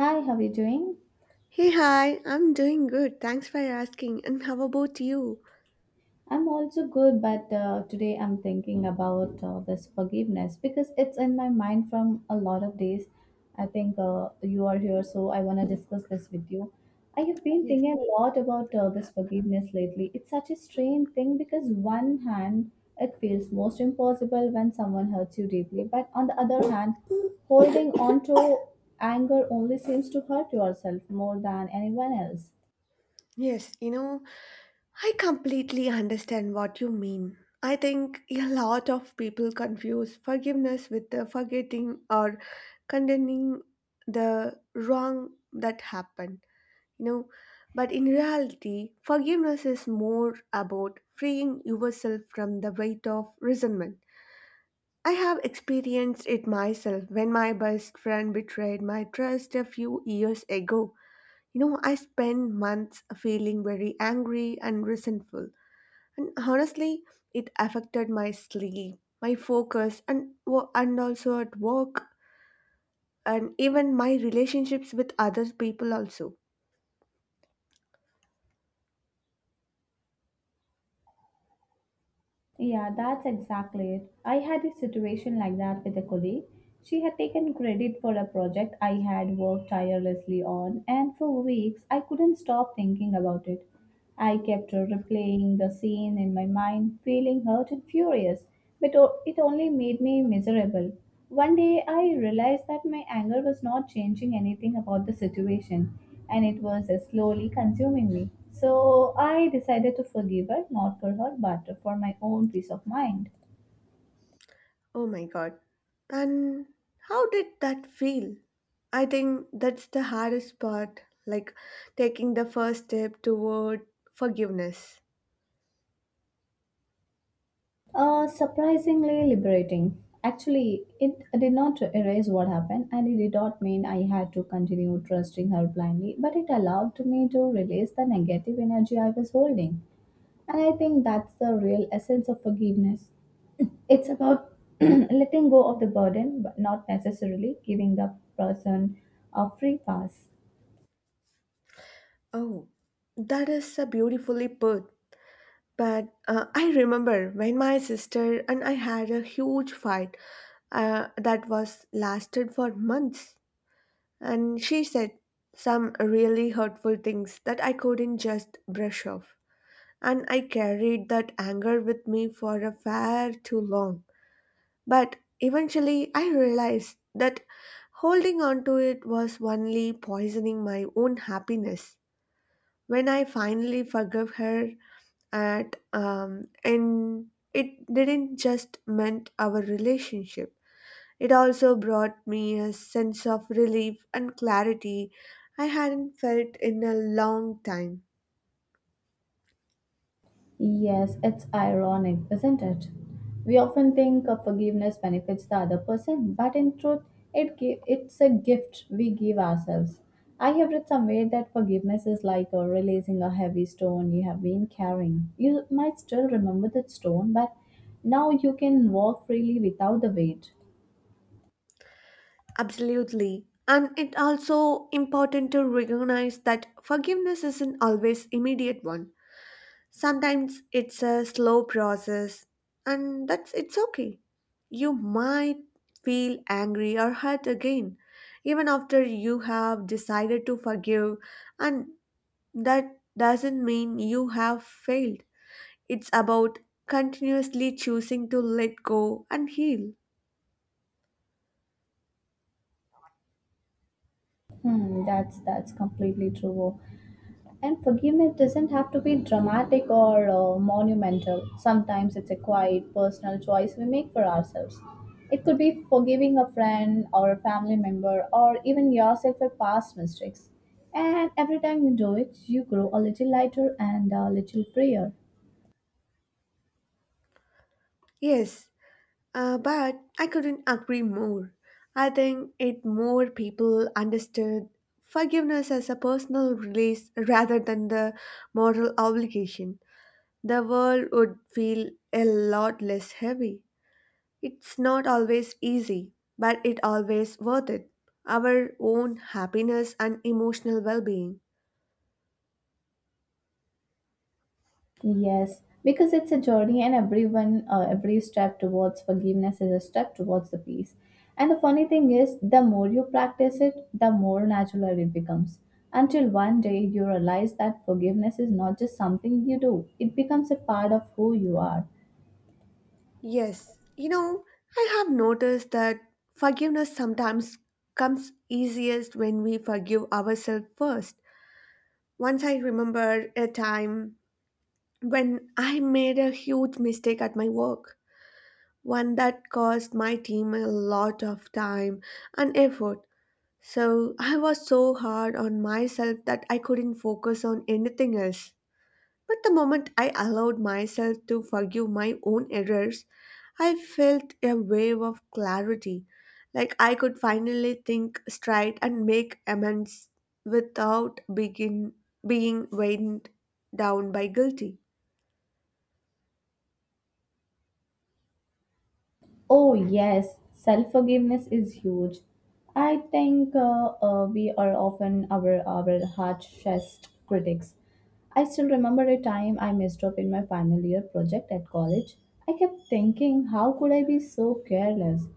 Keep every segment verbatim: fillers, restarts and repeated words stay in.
Hi, how are you doing? Hey, hi, I'm doing good. Thanks for asking. And how about you? I'm also good, but uh, today I'm thinking about uh, this forgiveness because it's in my mind from a lot of days. I think uh, you are here, so I want to discuss this with you. I have been Yes. thinking a lot about uh, this forgiveness lately. It's such a strange thing because one hand, it feels most impossible when someone hurts you deeply, but on the other hand, holding on to anger only seems to hurt yourself more than anyone else. Yes, you know, I completely understand what you mean. I think a lot of people confuse forgiveness with the forgetting or condemning the wrong that happened, you know. But in reality, forgiveness is more about freeing yourself from the weight of resentment. I have experienced it myself when my best friend betrayed my trust a few years ago. You know, I spent months feeling very angry and resentful, and honestly, it affected my sleep, my focus, and wo- and also at work, and even my relationships with other people also. Yeah, that's exactly it. I had a situation like that with a colleague. She had taken credit for a project I had worked tirelessly on, and for weeks I couldn't stop thinking about it. I kept replaying the scene in my mind, feeling hurt and furious but o- it only made me miserable. One day I realized that my anger was not changing anything about the situation and it was uh, slowly consuming me. So I decided to forgive her, not for her, but for my own peace of mind. Oh my god. And how did that feel? I think that's the hardest part, like taking the first step toward forgiveness. Uh, surprisingly liberating. Actually, it did not erase what happened, and it did not mean I had to continue trusting her blindly, but it allowed me to release the negative energy I was holding. And I think that's the real essence of forgiveness. It's about letting go of the burden, but not necessarily giving the person a free pass. Oh, that is a beautifully put. But uh, I remember when my sister and I had a huge fight uh, that was lasted for months, and she said some really hurtful things that I couldn't just brush off. And I carried that anger with me for a far too long. But eventually, I realized that holding on to it was only poisoning my own happiness. When I finally forgave her, at um, and it didn't just mend our relationship. It also brought me a sense of relief and clarity I hadn't felt in a long time. Yes, it's ironic, isn't it? We often think of forgiveness benefits the other person, but in truth, it gi- it's a gift we give ourselves. I have read somewhere that forgiveness is like uh, releasing a heavy stone you have been carrying. You might still remember that stone, but now you can walk freely without the weight. Absolutely. And it also important to recognize that forgiveness isn't always immediate one. Sometimes it's a slow process and that's it's okay. You might feel angry or hurt again even after you have decided to forgive and that doesn't mean you have failed. It's about continuously choosing to let go and heal. Hmm, that's that's completely true. And forgiveness doesn't have to be dramatic or uh, monumental. Sometimes it's a quiet, personal choice we make for ourselves. It could be forgiving a friend or a family member or even yourself for past mistakes. And every time you do it, you grow a little lighter and a little freer. Yes, Uh, but I couldn't agree more. I think it more people understood forgiveness as a personal release rather than the moral obligation. The world would feel a lot less heavy. It's not always easy, but it always worth it. Our own happiness and emotional well-being. Yes, because it's a journey, and everyone, uh, every step towards forgiveness is a step towards the peace. And the funny thing is, the more you practice it, the more natural it becomes. Until one day you realize that forgiveness is not just something you do, it becomes a part of who you are. Yes, you know, I have noticed that forgiveness sometimes comes easiest when we forgive ourselves first. Once I remember a time when I made a huge mistake at my work, one that cost my team a lot of time and effort. So I was so hard on myself that I couldn't focus on anything else. But the moment I allowed myself to forgive my own errors, I felt a wave of clarity, like I could finally think straight and make amends without begin being weighed down by guilty. Oh, yes, self forgiveness is huge. I think uh, uh, we are often our, our harshest critics. I still remember a time I messed up in my final year project at college. I kept thinking, how could I be so careless?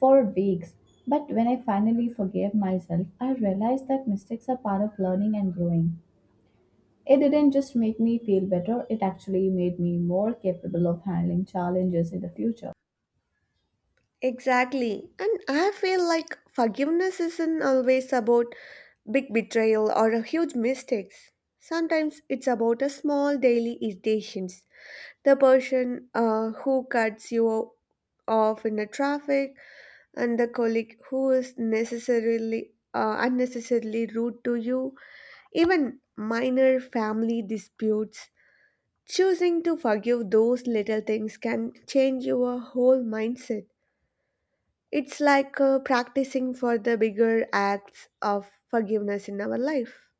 For weeks. But when I finally forgave myself, I realized that mistakes are part of learning and growing. It didn't just make me feel better, it actually made me more capable of handling challenges in the future. Exactly. And I feel like forgiveness isn't always about big betrayal or a huge mistakes. Sometimes it's about a small daily irritations the person uh, who cuts you off in the traffic and the colleague who is necessarily uh, unnecessarily rude to you even minor family disputes choosing to forgive those little things can change your whole mindset. It's like uh, practicing for the bigger acts of forgiveness in our life.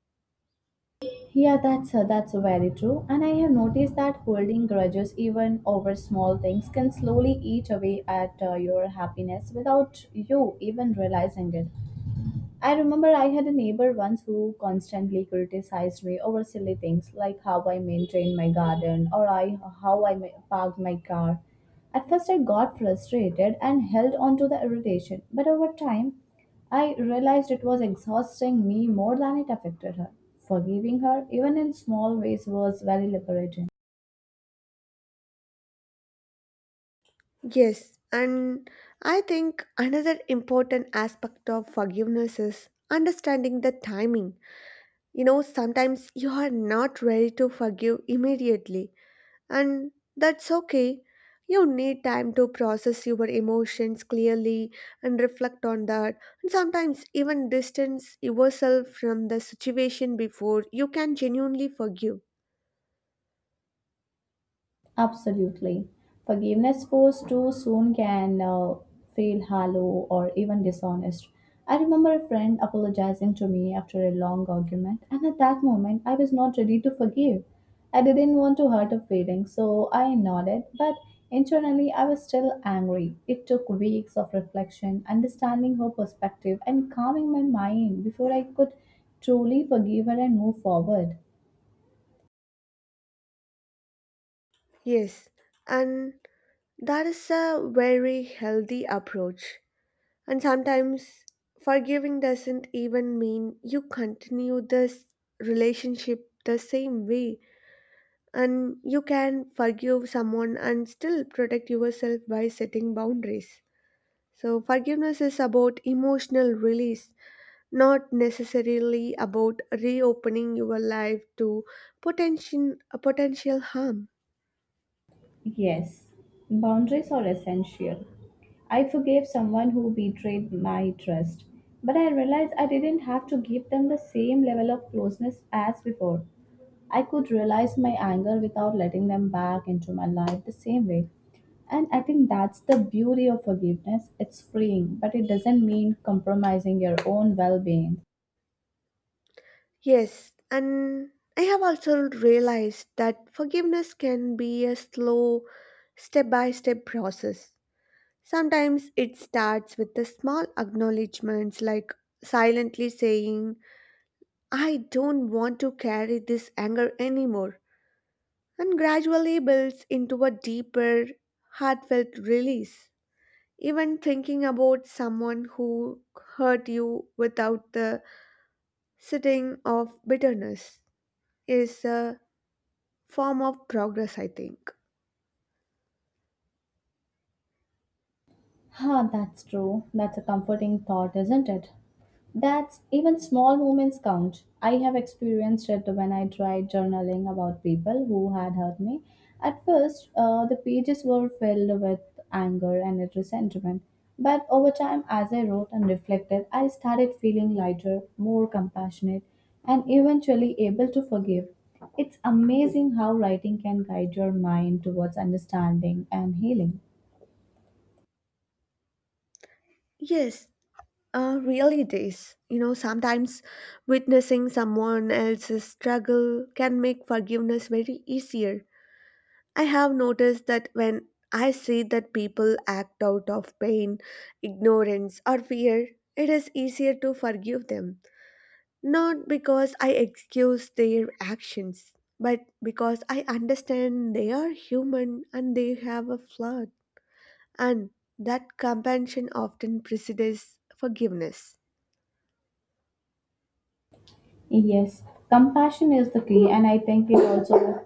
Yeah, that's uh, that's very true. And I have noticed that holding grudges, even over small things, can slowly eat away at uh, your happiness without you even realizing it. I remember I had a neighbor once who constantly criticized me over silly things like how I maintained my garden or I how I ma- parked my car. At first, I got frustrated and held on to the irritation, but over time, I realized it was exhausting me more than it affected her. Forgiving her, even in small ways, was very liberating. Yes, and I think another important aspect of forgiveness is understanding the timing. You know, sometimes you are not ready to forgive immediately, and that's okay. You need time to process your emotions clearly and reflect on that, and sometimes even distance yourself from the situation before you can genuinely forgive. Absolutely. Forgiveness forced too soon can uh, feel hollow or even dishonest. I remember a friend apologizing to me after a long argument, and at that moment, I was not ready to forgive. I didn't want to hurt her feelings, so I nodded, but internally, I was still angry. It took weeks of reflection, understanding her perspective, and calming my mind before I could truly forgive her and move forward. Yes, and that is a very healthy approach. And sometimes forgiving doesn't even mean you continue this relationship the same way. And you can forgive someone and still protect yourself by setting boundaries. So, forgiveness is about emotional release, not necessarily about reopening your life to potential, potential harm. Yes, boundaries are essential. I forgave someone who betrayed my trust, but I realized I didn't have to give them the same level of closeness as before. I could realize my anger without letting them back into my life the same way. And I think that's the beauty of forgiveness. It's freeing, but it doesn't mean compromising your own well being. Yes, and I have also realized that forgiveness can be a slow, step by step process. Sometimes it starts with the small acknowledgements like silently saying, I don't want to carry this anger anymore, and gradually builds into a deeper, heartfelt release. Even thinking about someone who hurt you without the sitting of bitterness is a form of progress, I think. Huh, that's true. That's a comforting thought, isn't it? That's even small moments count. I have experienced it when I tried journaling about people who had hurt me. At first, uh, the pages were filled with anger and resentment. But over time, as I wrote and reflected, I started feeling lighter, more compassionate, and eventually able to forgive. It's amazing how writing can guide your mind towards understanding and healing. Yes, uh, really it is. You know, sometimes witnessing someone else's struggle can make forgiveness very easier. I have noticed that when I see that people act out of pain, ignorance, or fear, it is easier to forgive them. Not because I excuse their actions, but because I understand they are human and they have a flaw. And that compassion often precedes forgiveness. Yes, compassion is the key, and I think it also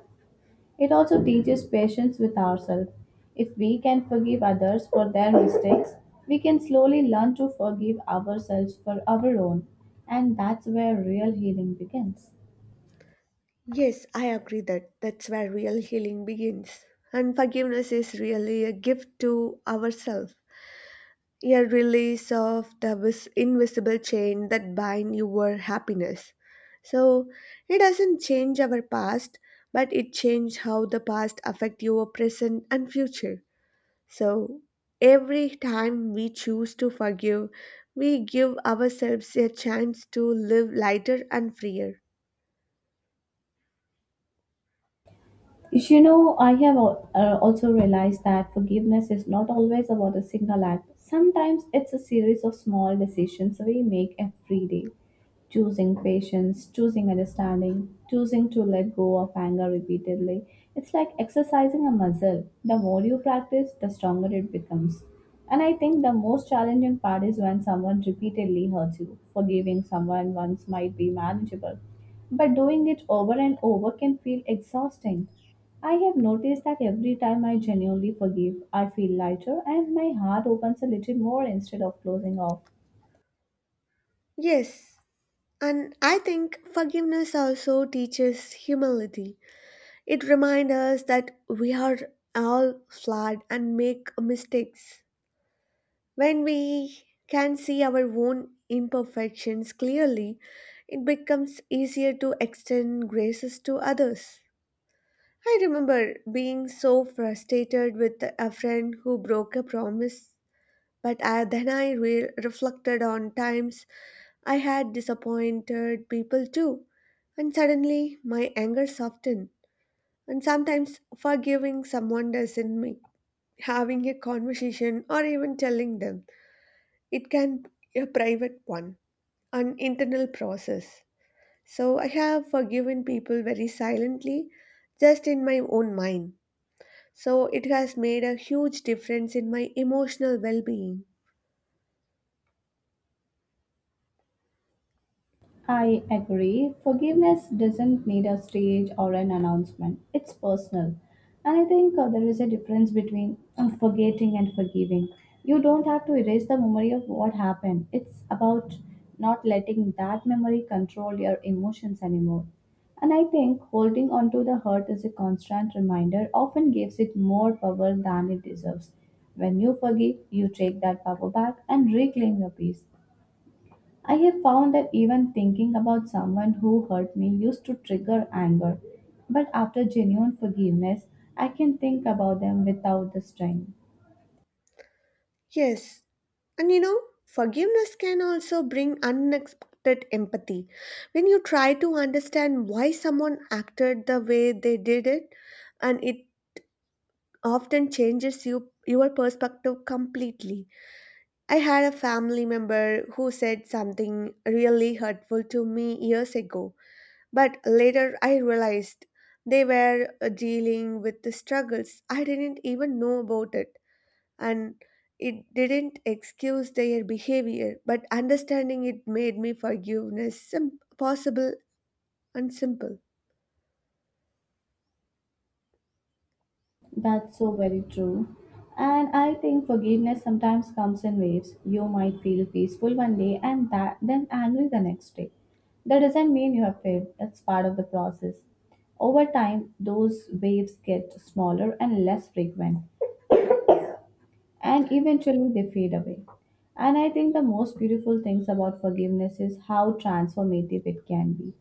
it also teaches patience with ourselves. If we can forgive others for their mistakes, we can slowly learn to forgive ourselves for our own, and that's where real healing begins. Yes, I agree that that's where real healing begins. And forgiveness is really a gift to ourselves, a release of the vis- invisible chain that bind your happiness. So it doesn't change our past, but it changes how the past affect your present and future. So every time we choose to forgive, we give ourselves a chance to live lighter and freer. You know, I have al- uh, also realized that forgiveness is not always about a single act. Sometimes it's a series of small decisions we make every day. Choosing patience, choosing understanding, choosing to let go of anger repeatedly. It's like exercising a muscle. The more you practice, the stronger it becomes. And I think the most challenging part is when someone repeatedly hurts you. Forgiving someone once might be manageable, but doing it over and over can feel exhausting. I have noticed that every time I genuinely forgive, I feel lighter and my heart opens a little more instead of closing off. Yes, and I think forgiveness also teaches humility. It reminds us that we are all flawed and make mistakes. When we can see our own imperfections clearly, it becomes easier to extend graces to others. I remember being so frustrated with a friend who broke a promise, but I, then I re- reflected on times I had disappointed people too, and suddenly my anger softened. And sometimes forgiving someone doesn't mean having a conversation or even telling them. It can be a private one, an internal process. So I have forgiven people very silently, just in my own mind. So it has made a huge difference in my emotional well being. I agree. Forgiveness doesn't need a stage or an announcement. It's personal. And I think uh, there is a difference between uh, forgetting and forgiving. You don't have to erase the memory of what happened. It's about not letting that memory control your emotions anymore. And I think holding on to the hurt is a constant reminder, often gives it more power than it deserves. When you forgive, you take that power back and reclaim your peace. I have found that even thinking about someone who hurt me used to trigger anger, but after genuine forgiveness, I can think about them without the strain. Yes, and you know, forgiveness can also bring unexpected empathy. When you try to understand why someone acted the way they did it, and it often changes you your perspective completely. I had a family member who said something really hurtful to me years ago. But later I realized they were uh, dealing with the struggles I didn't even know about it. And it didn't excuse their behavior, but understanding it made me forgiveness sim- possible and simple. That's so very true. And I think forgiveness sometimes comes in waves. You might feel peaceful one day and that, then angry the next day. That doesn't mean you have failed, that's part of the process. Over time, those waves get smaller and less frequent, and eventually they fade away. And I think the most beautiful things about forgiveness is how transformative it can be.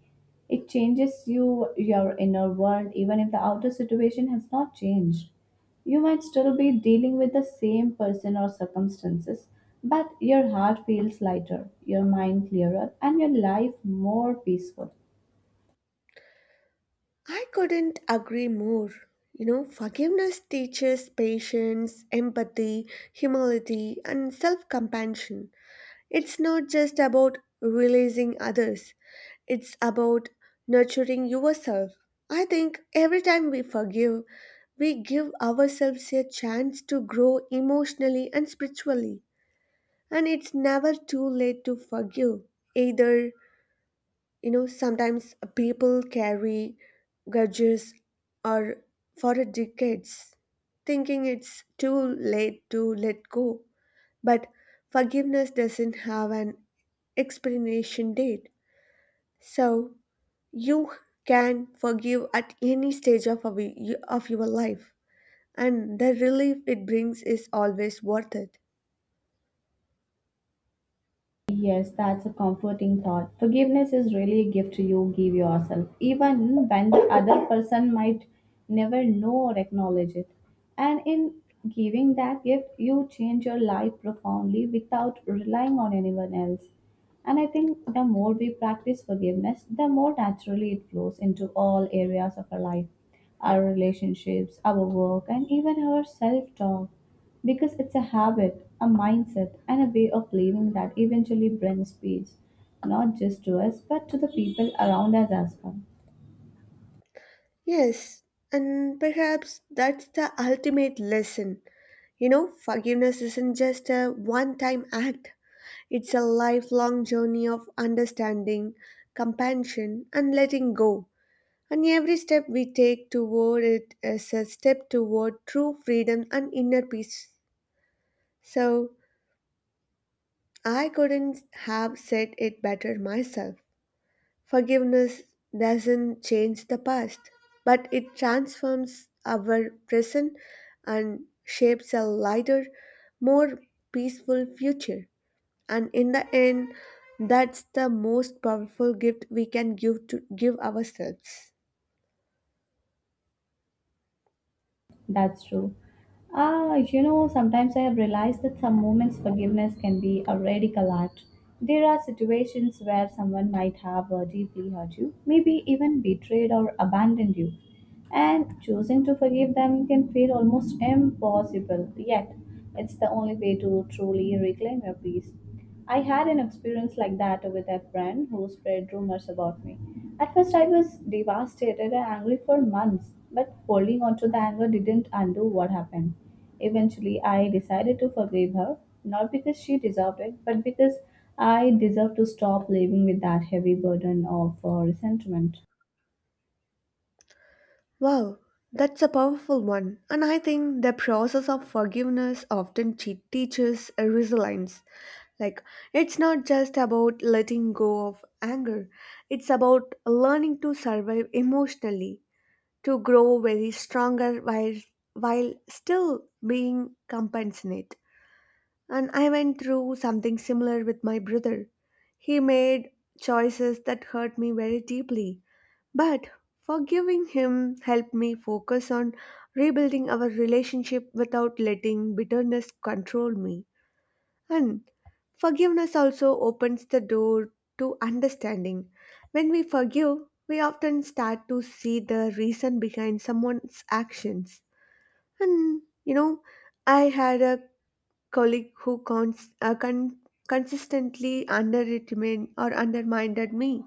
It changes you, your inner world, even if the outer situation has not changed. You might still be dealing with the same person or circumstances, but your heart feels lighter, your mind clearer, and your life more peaceful. I couldn't agree more. You know, forgiveness teaches patience, empathy, humility, and self compassion. It's not just about releasing others, it's about nurturing yourself. I think every time we forgive, we give ourselves a chance to grow emotionally and spiritually. And it's never too late to forgive. Either, you know, sometimes people carry grudges or for decades, thinking it's too late to let go. But forgiveness doesn't have an expiration date. So you can forgive at any stage of, a we- of your life, and the relief it brings is always worth it. Yes, that's a comforting thought. Forgiveness is really a gift you give yourself, even when the other person might never know or acknowledge it. And in giving that gift, you change your life profoundly without relying on anyone else. And I think the more we practice forgiveness, the more naturally it flows into all areas of our life, our relationships, our work, and even our self talk. Because it's a habit, a mindset, and a way of living that eventually brings peace, not just to us, but to the people around us as well. Yes, and perhaps that's the ultimate lesson. You know, forgiveness isn't just a one time act, it's a lifelong journey of understanding, compassion, and letting go. And every step we take toward it is a step toward true freedom and inner peace. So, I couldn't have said it better myself. Forgiveness doesn't change the past, but it transforms our present and shapes a lighter, more peaceful future. And in the end, that's the most powerful gift we can give to give ourselves. That's true. Ah, you know, sometimes I have realized that some moments forgiveness can be a radical act. There are situations where someone might have uh, deeply hurt you, maybe even betrayed or abandoned you, and choosing to forgive them can feel almost impossible. Yet, it's the only way to truly reclaim your peace. I had an experience like that with a friend who spread rumors about me. At first, I was devastated and angry for months, but holding on to the anger didn't undo what happened. Eventually, I decided to forgive her, not because she deserved it, but because I deserved to stop living with that heavy burden of uh, resentment. Wow, that's a powerful one. And I think the process of forgiveness often che- teaches resilience. Like, it's not just about letting go of anger, it's about learning to survive emotionally, to grow very stronger while, while still being compassionate. And I went through something similar with my brother. He made choices that hurt me very deeply, but forgiving him helped me focus on rebuilding our relationship without letting bitterness control me. And forgiveness also opens the door to understanding. When we forgive, we often start to see the reason behind someone's actions. And you know, I had a colleague who cons- uh, con- consistently underestimated or undermined me.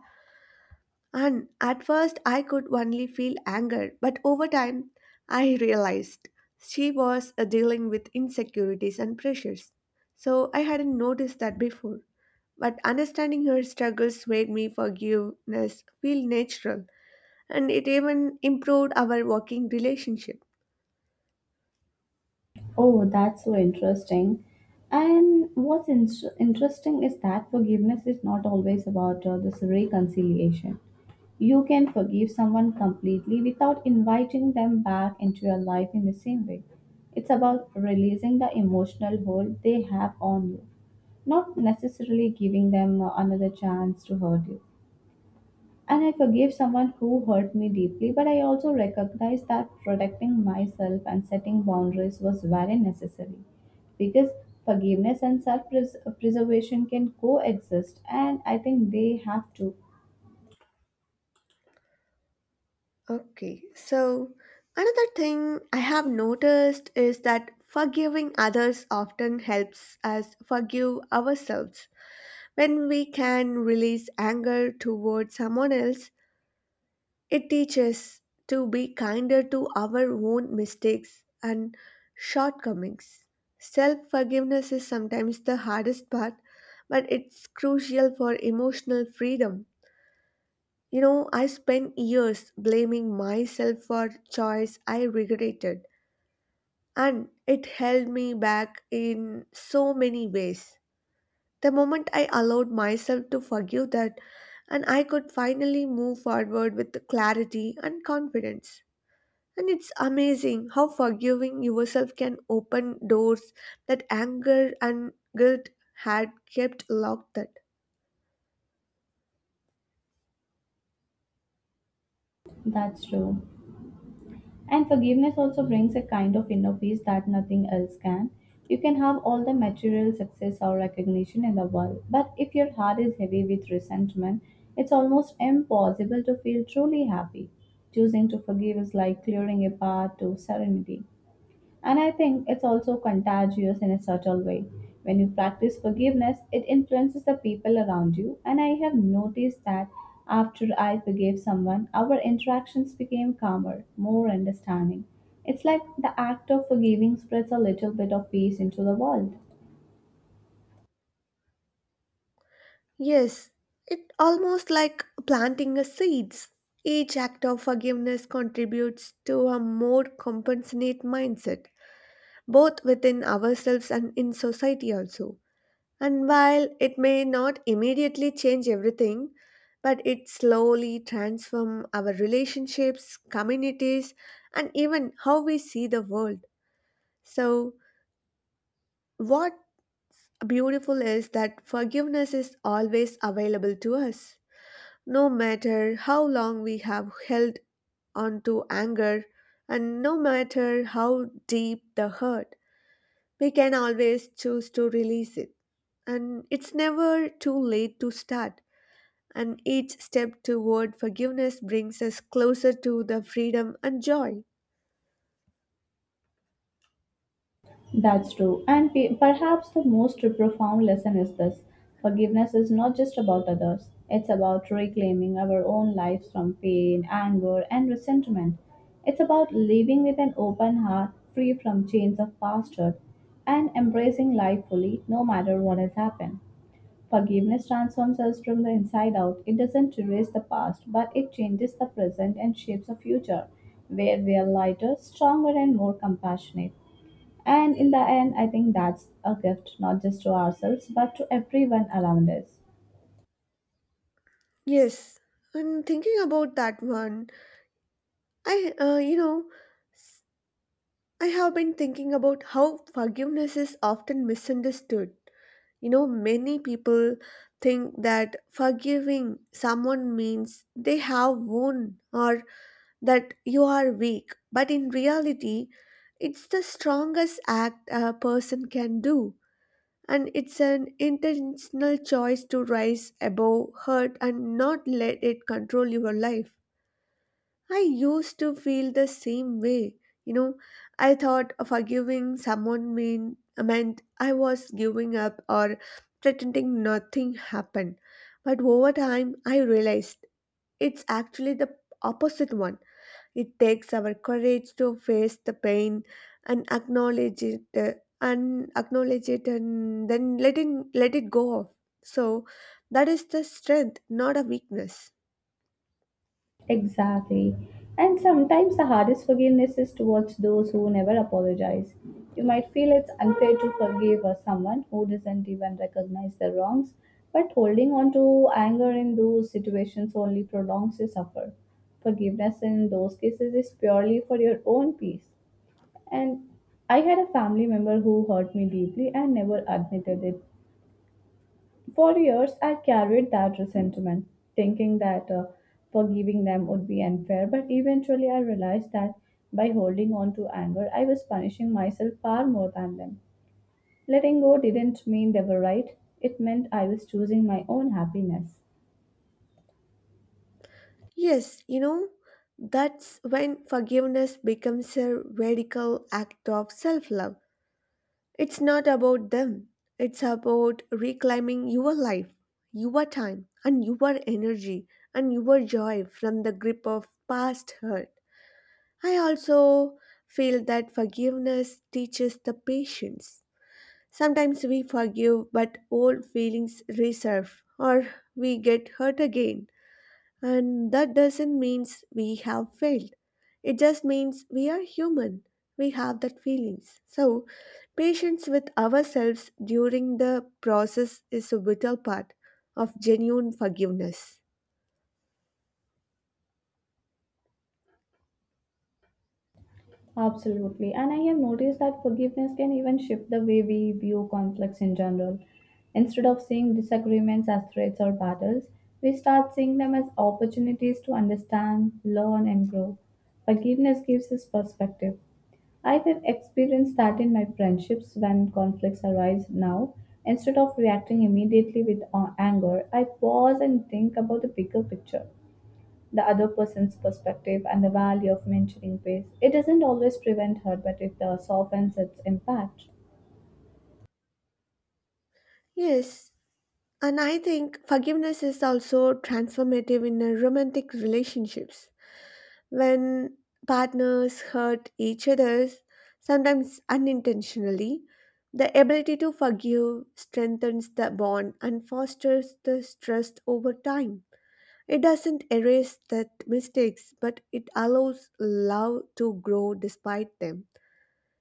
And at first, I could only feel anger, but over time, I realized she was uh, dealing with insecurities and pressures. So I hadn't noticed that before, but understanding her struggles made me forgiveness feel natural and it even improved our working relationship. Oh, that's so interesting. And what's in- interesting is that forgiveness is not always about uh, this reconciliation. You can forgive someone completely without inviting them back into your life in the same way. It's about releasing the emotional hold they have on you, not necessarily giving them uh, another chance to hurt you. And I forgave someone who hurt me deeply, but I also recognized that protecting myself and setting boundaries was very necessary because forgiveness and self preservation can coexist, and I think they have to. Okay, so another thing I have noticed is that forgiving others often helps us forgive ourselves. When we can release anger towards someone else, it teaches to be kinder to our own mistakes and shortcomings. Self forgiveness is sometimes the hardest part, but it's crucial for emotional freedom. You know, I spent years blaming myself for choice I regretted, and it held me back in so many ways. The moment I allowed myself to forgive that, and I could finally move forward with clarity and confidence. And it's amazing how forgiving yourself can open doors that anger and guilt had kept locked. That That's true. And forgiveness also brings a kind of inner peace that nothing else can. You can have all the material success or recognition in the world, but if your heart is heavy with resentment, it's almost impossible to feel truly happy. Choosing to forgive is like clearing a path to serenity. And I think it's also contagious in a subtle way. When you practice forgiveness, it influences the people around you. And I have noticed that after I forgave someone, our interactions became calmer, more understanding. It's like the act of forgiving spreads a little bit of peace into the world. yes, it almost like planting a seeds. Each act of forgiveness contributes to a more compassionate mindset, both within ourselves and in society also. And while it may not immediately change everything, but it slowly transforms our relationships, communities, and even how we see the world. So, what beautiful is that forgiveness is always available to us, no matter how long we have held onto anger, and no matter how deep the hurt, we can always choose to release it. And it's never too late to start and each step toward forgiveness brings us closer to the freedom and joy. That's true. And pe- perhaps the most profound lesson is this: forgiveness is not just about others, it's about reclaiming our own lives from pain, anger, and resentment. It's about living with an open heart, free from chains of past hurt, and embracing life fully, no matter what has happened. Forgiveness transforms us from the inside out. It doesn't erase the past, but it changes the present and shapes a future where we are lighter, stronger, and more compassionate. And in the end, I think that's a gift not just to ourselves, but to everyone around us. Yes, and thinking about that one, I, uh, you know, s- I have been thinking about how forgiveness is often misunderstood. You know, many people think that forgiving someone means they have won or that you are weak, but in reality, it's the strongest act a person can do. And it's an intentional choice to rise above hurt and not let it control your life. I used to feel the same way. You know, I thought forgiving someone mean, meant I was giving up or pretending nothing happened. But over time, I realized it's actually the opposite one. It takes our courage to face the pain and acknowledge it uh, and acknowledge it and then letting let it go off. So that is the strength, not a weakness. Exactly. And sometimes the hardest forgiveness is towards those who never apologize. You might feel it's unfair to forgive uh, someone who doesn't even recognize their wrongs, but holding on to anger in those situations only prolongs your suffer. Forgiveness in those cases is purely for your own peace. And I had a family member who hurt me deeply and never admitted it. For years, I carried that resentment, thinking that uh, forgiving them would be unfair, but eventually I realized that by holding on to anger, I was punishing myself far more than them. Letting go didn't mean they were right, it meant I was choosing my own happiness. Yes, you know, that's when forgiveness becomes a radical act of self love. It's not about them, it's about reclaiming your life, your time, and your energy and your joy from the grip of past hurt. I also feel that forgiveness teaches the patience. Sometimes we forgive, but old feelings resurf, or we get hurt again. And that doesn't mean we have failed. It just means we are human. We have that feelings. So, patience with ourselves during the process is a vital part of genuine forgiveness. Absolutely. And I have noticed that forgiveness can even shift the way we view conflicts in general. Instead of seeing disagreements as threats or battles, we start seeing them as opportunities to understand, learn, and grow. Forgiveness gives us perspective. I have experienced that in my friendships when conflicts arise now. Instead of reacting immediately with uh, anger, I pause and think about the bigger picture, the other person's perspective and the value of mentoring ways. It doesn't always prevent hurt, but it uh, softens its impact. Yes, and I think forgiveness is also transformative in a romantic relationships. When partners hurt each other, sometimes unintentionally, the ability to forgive strengthens the bond and fosters the trust over time. It doesn't erase that mistakes, but it allows love to grow despite them.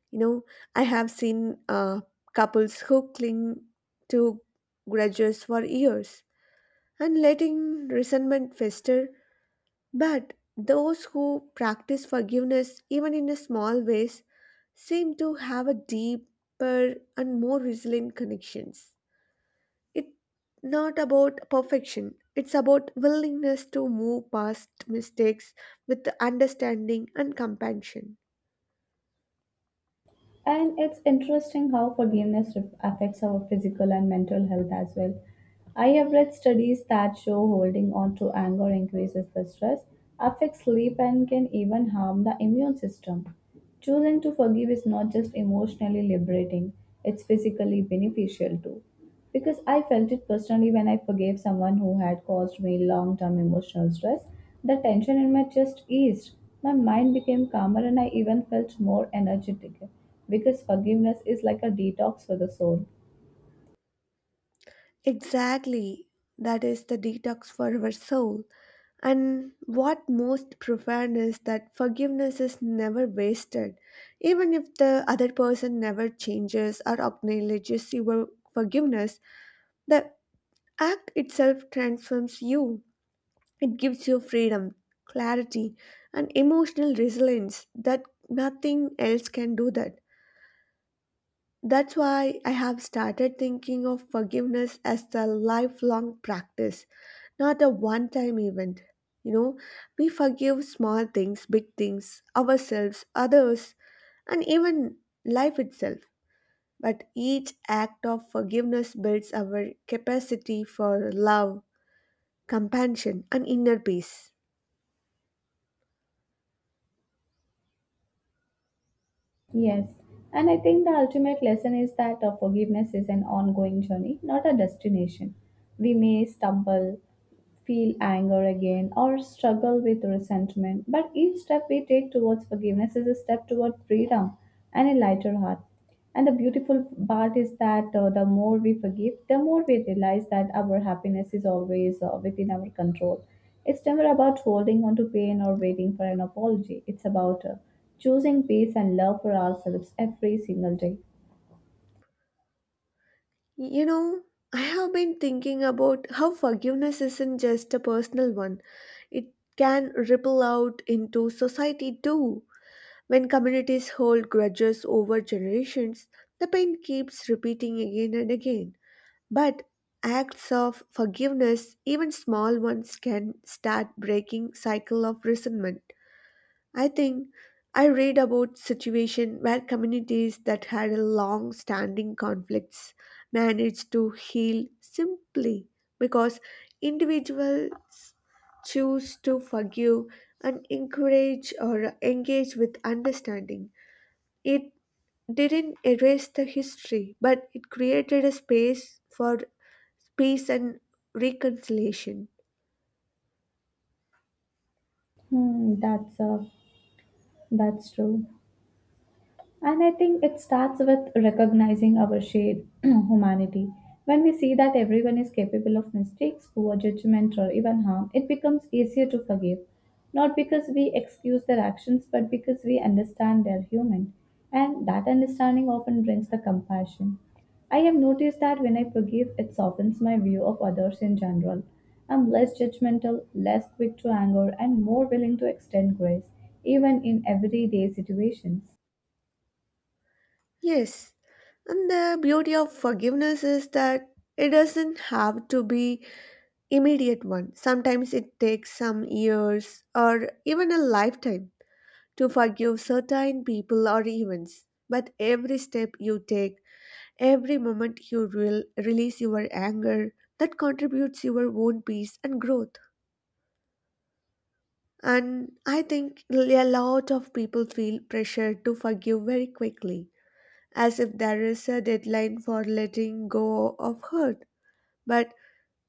You know, I have seen uh, couples who cling to grudges for years and letting resentment fester. But those who practice forgiveness, even in a small ways, seem to have a deeper and more resilient connections. It's not about perfection, it's about willingness to move past mistakes with understanding and compassion. And it's interesting how forgiveness re- affects our physical and mental health as well. I have read studies that show holding on to anger increases the stress, affects sleep, and can even harm the immune system. Choosing to forgive is not just emotionally liberating, it's physically beneficial too. Because I felt it personally when I forgave someone who had caused me long term emotional stress. The tension in my chest eased, my mind became calmer, and I even felt more energetic because forgiveness is like a detox for the soul. Exactly, that is the detox for our soul. And what most profound is that forgiveness is never wasted. Even if the other person never changes or acknowledges your forgiveness, the act itself transforms you. It gives you freedom, clarity, and emotional resilience that nothing else can do that. That's why I have started thinking of forgiveness as a lifelong practice, not a one time event. You know, we forgive small things, big things, ourselves, others, and even life itself. But each act of forgiveness builds our capacity for love, compassion, and inner peace. Yes, and I think the ultimate lesson is that uh, forgiveness is an ongoing journey, not a destination. We may stumble, feel anger again or struggle with resentment. But each step we take towards forgiveness is a step toward freedom and a lighter heart. And the beautiful part is that uh, the more we forgive, the more we realize that our happiness is always uh, within our control. It's never about holding on to pain or waiting for an apology. It's about uh, choosing peace and love for ourselves every single day. You know, I have been thinking about how forgiveness isn't just a personal one, it can ripple out into society too. When communities hold grudges over generations, the pain keeps repeating again and again. But acts of forgiveness, even small ones, can start breaking cycle of resentment. I think I read about situation where communities that had a long standing conflicts managed to heal simply because individuals choose to forgive and encourage or engage with understanding. It didn't erase the history, but it created a space for peace and reconciliation. Hmm, that's uh, that's true. And I think it starts with recognizing our shared humanity. When we see that everyone is capable of mistakes, poor judgment, or even harm, it becomes easier to forgive. Not because we excuse their actions, but because we understand they're human. And that understanding often brings the compassion. I have noticed that when I forgive, it softens my view of others in general. I'm less judgmental, less quick to anger, and more willing to extend grace, even in everyday situations. Yes, and the beauty of forgiveness is that it doesn't have to be immediate one. Sometimes it takes some years or even a lifetime to forgive certain people or events. But every step you take, every moment you will release your anger, that contributes your own peace and growth. And I think a lot of people feel pressure to forgive very quickly as if there is a deadline for letting go of hurt. But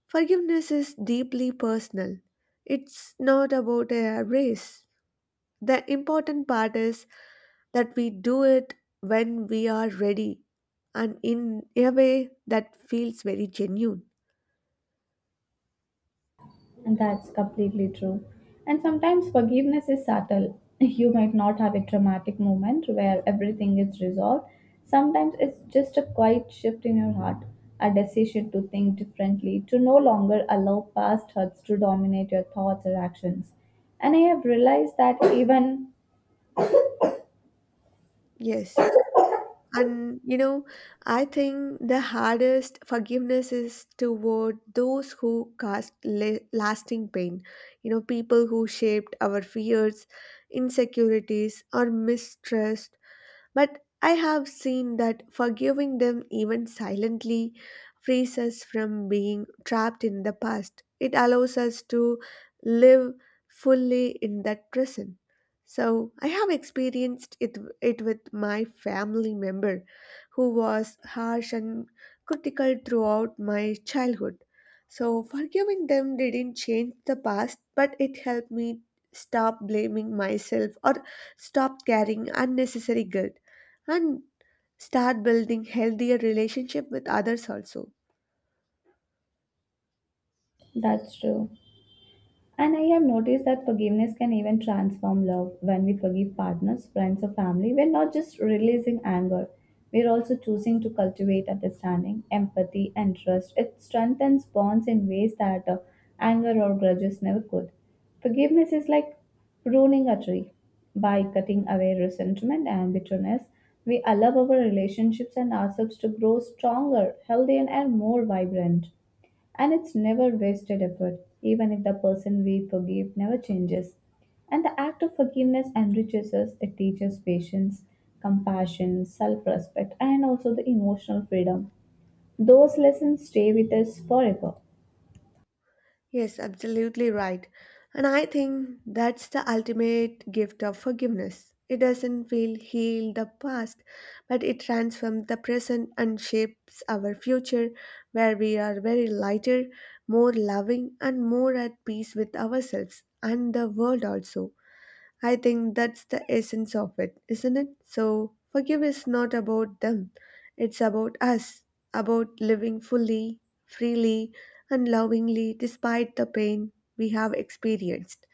forgiveness is deeply personal. It's not about a race. The important part is that we do it when we are ready and in a way that feels very genuine. And that's completely true. And sometimes forgiveness is subtle. You might not have a dramatic moment where everything is resolved. Sometimes it's just a quiet shift in your heart, a decision to think differently, to no longer allow past hurts to dominate your thoughts or actions. And I have realized that even Yes. And you know, I think the hardest forgiveness is toward those who caused la- lasting pain. You know, people who shaped our fears, insecurities, or mistrust, but I have seen that forgiving them even silently frees us from being trapped in the past. It allows us to live fully in that present. So I have experienced it, it with my family member who was harsh and critical throughout my childhood. So forgiving them didn't change the past, but it helped me stop blaming myself or stop carrying unnecessary guilt and start building healthier relationship with others also. that's true. And I have noticed that forgiveness can even transform love. When we forgive partners, friends, or family, we're not just releasing anger, we're also choosing to cultivate understanding, empathy, and trust. It strengthens bonds in ways that uh, anger or grudges never could. Forgiveness is like pruning a tree. By cutting away resentment and bitterness, we allow our relationships and ourselves to grow stronger, healthier, and more vibrant. And it's never wasted effort, even if the person we forgive never changes. And the act of forgiveness enriches us, it teaches patience, compassion, self respect, and also the emotional freedom. Those lessons stay with us forever. Yes, absolutely right. And I think that's the ultimate gift of forgiveness. It doesn't feel heal the past, but it transforms the present and shapes our future, where we are very lighter, more loving and more at peace with ourselves and the world also. I think that's the essence of it, isn't it? So, forgive is not about them, it's about us, about living fully, freely, and lovingly despite the pain we have experienced.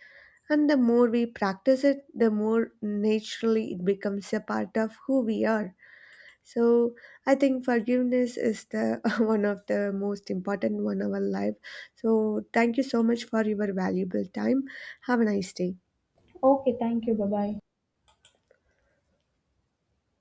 And the more we practice it, the more naturally it becomes a part of who we are. So, I think forgiveness is the one of the most important one of our life. So, thank you so much for your valuable time. Have a nice day. Okay, thank you. Bye bye.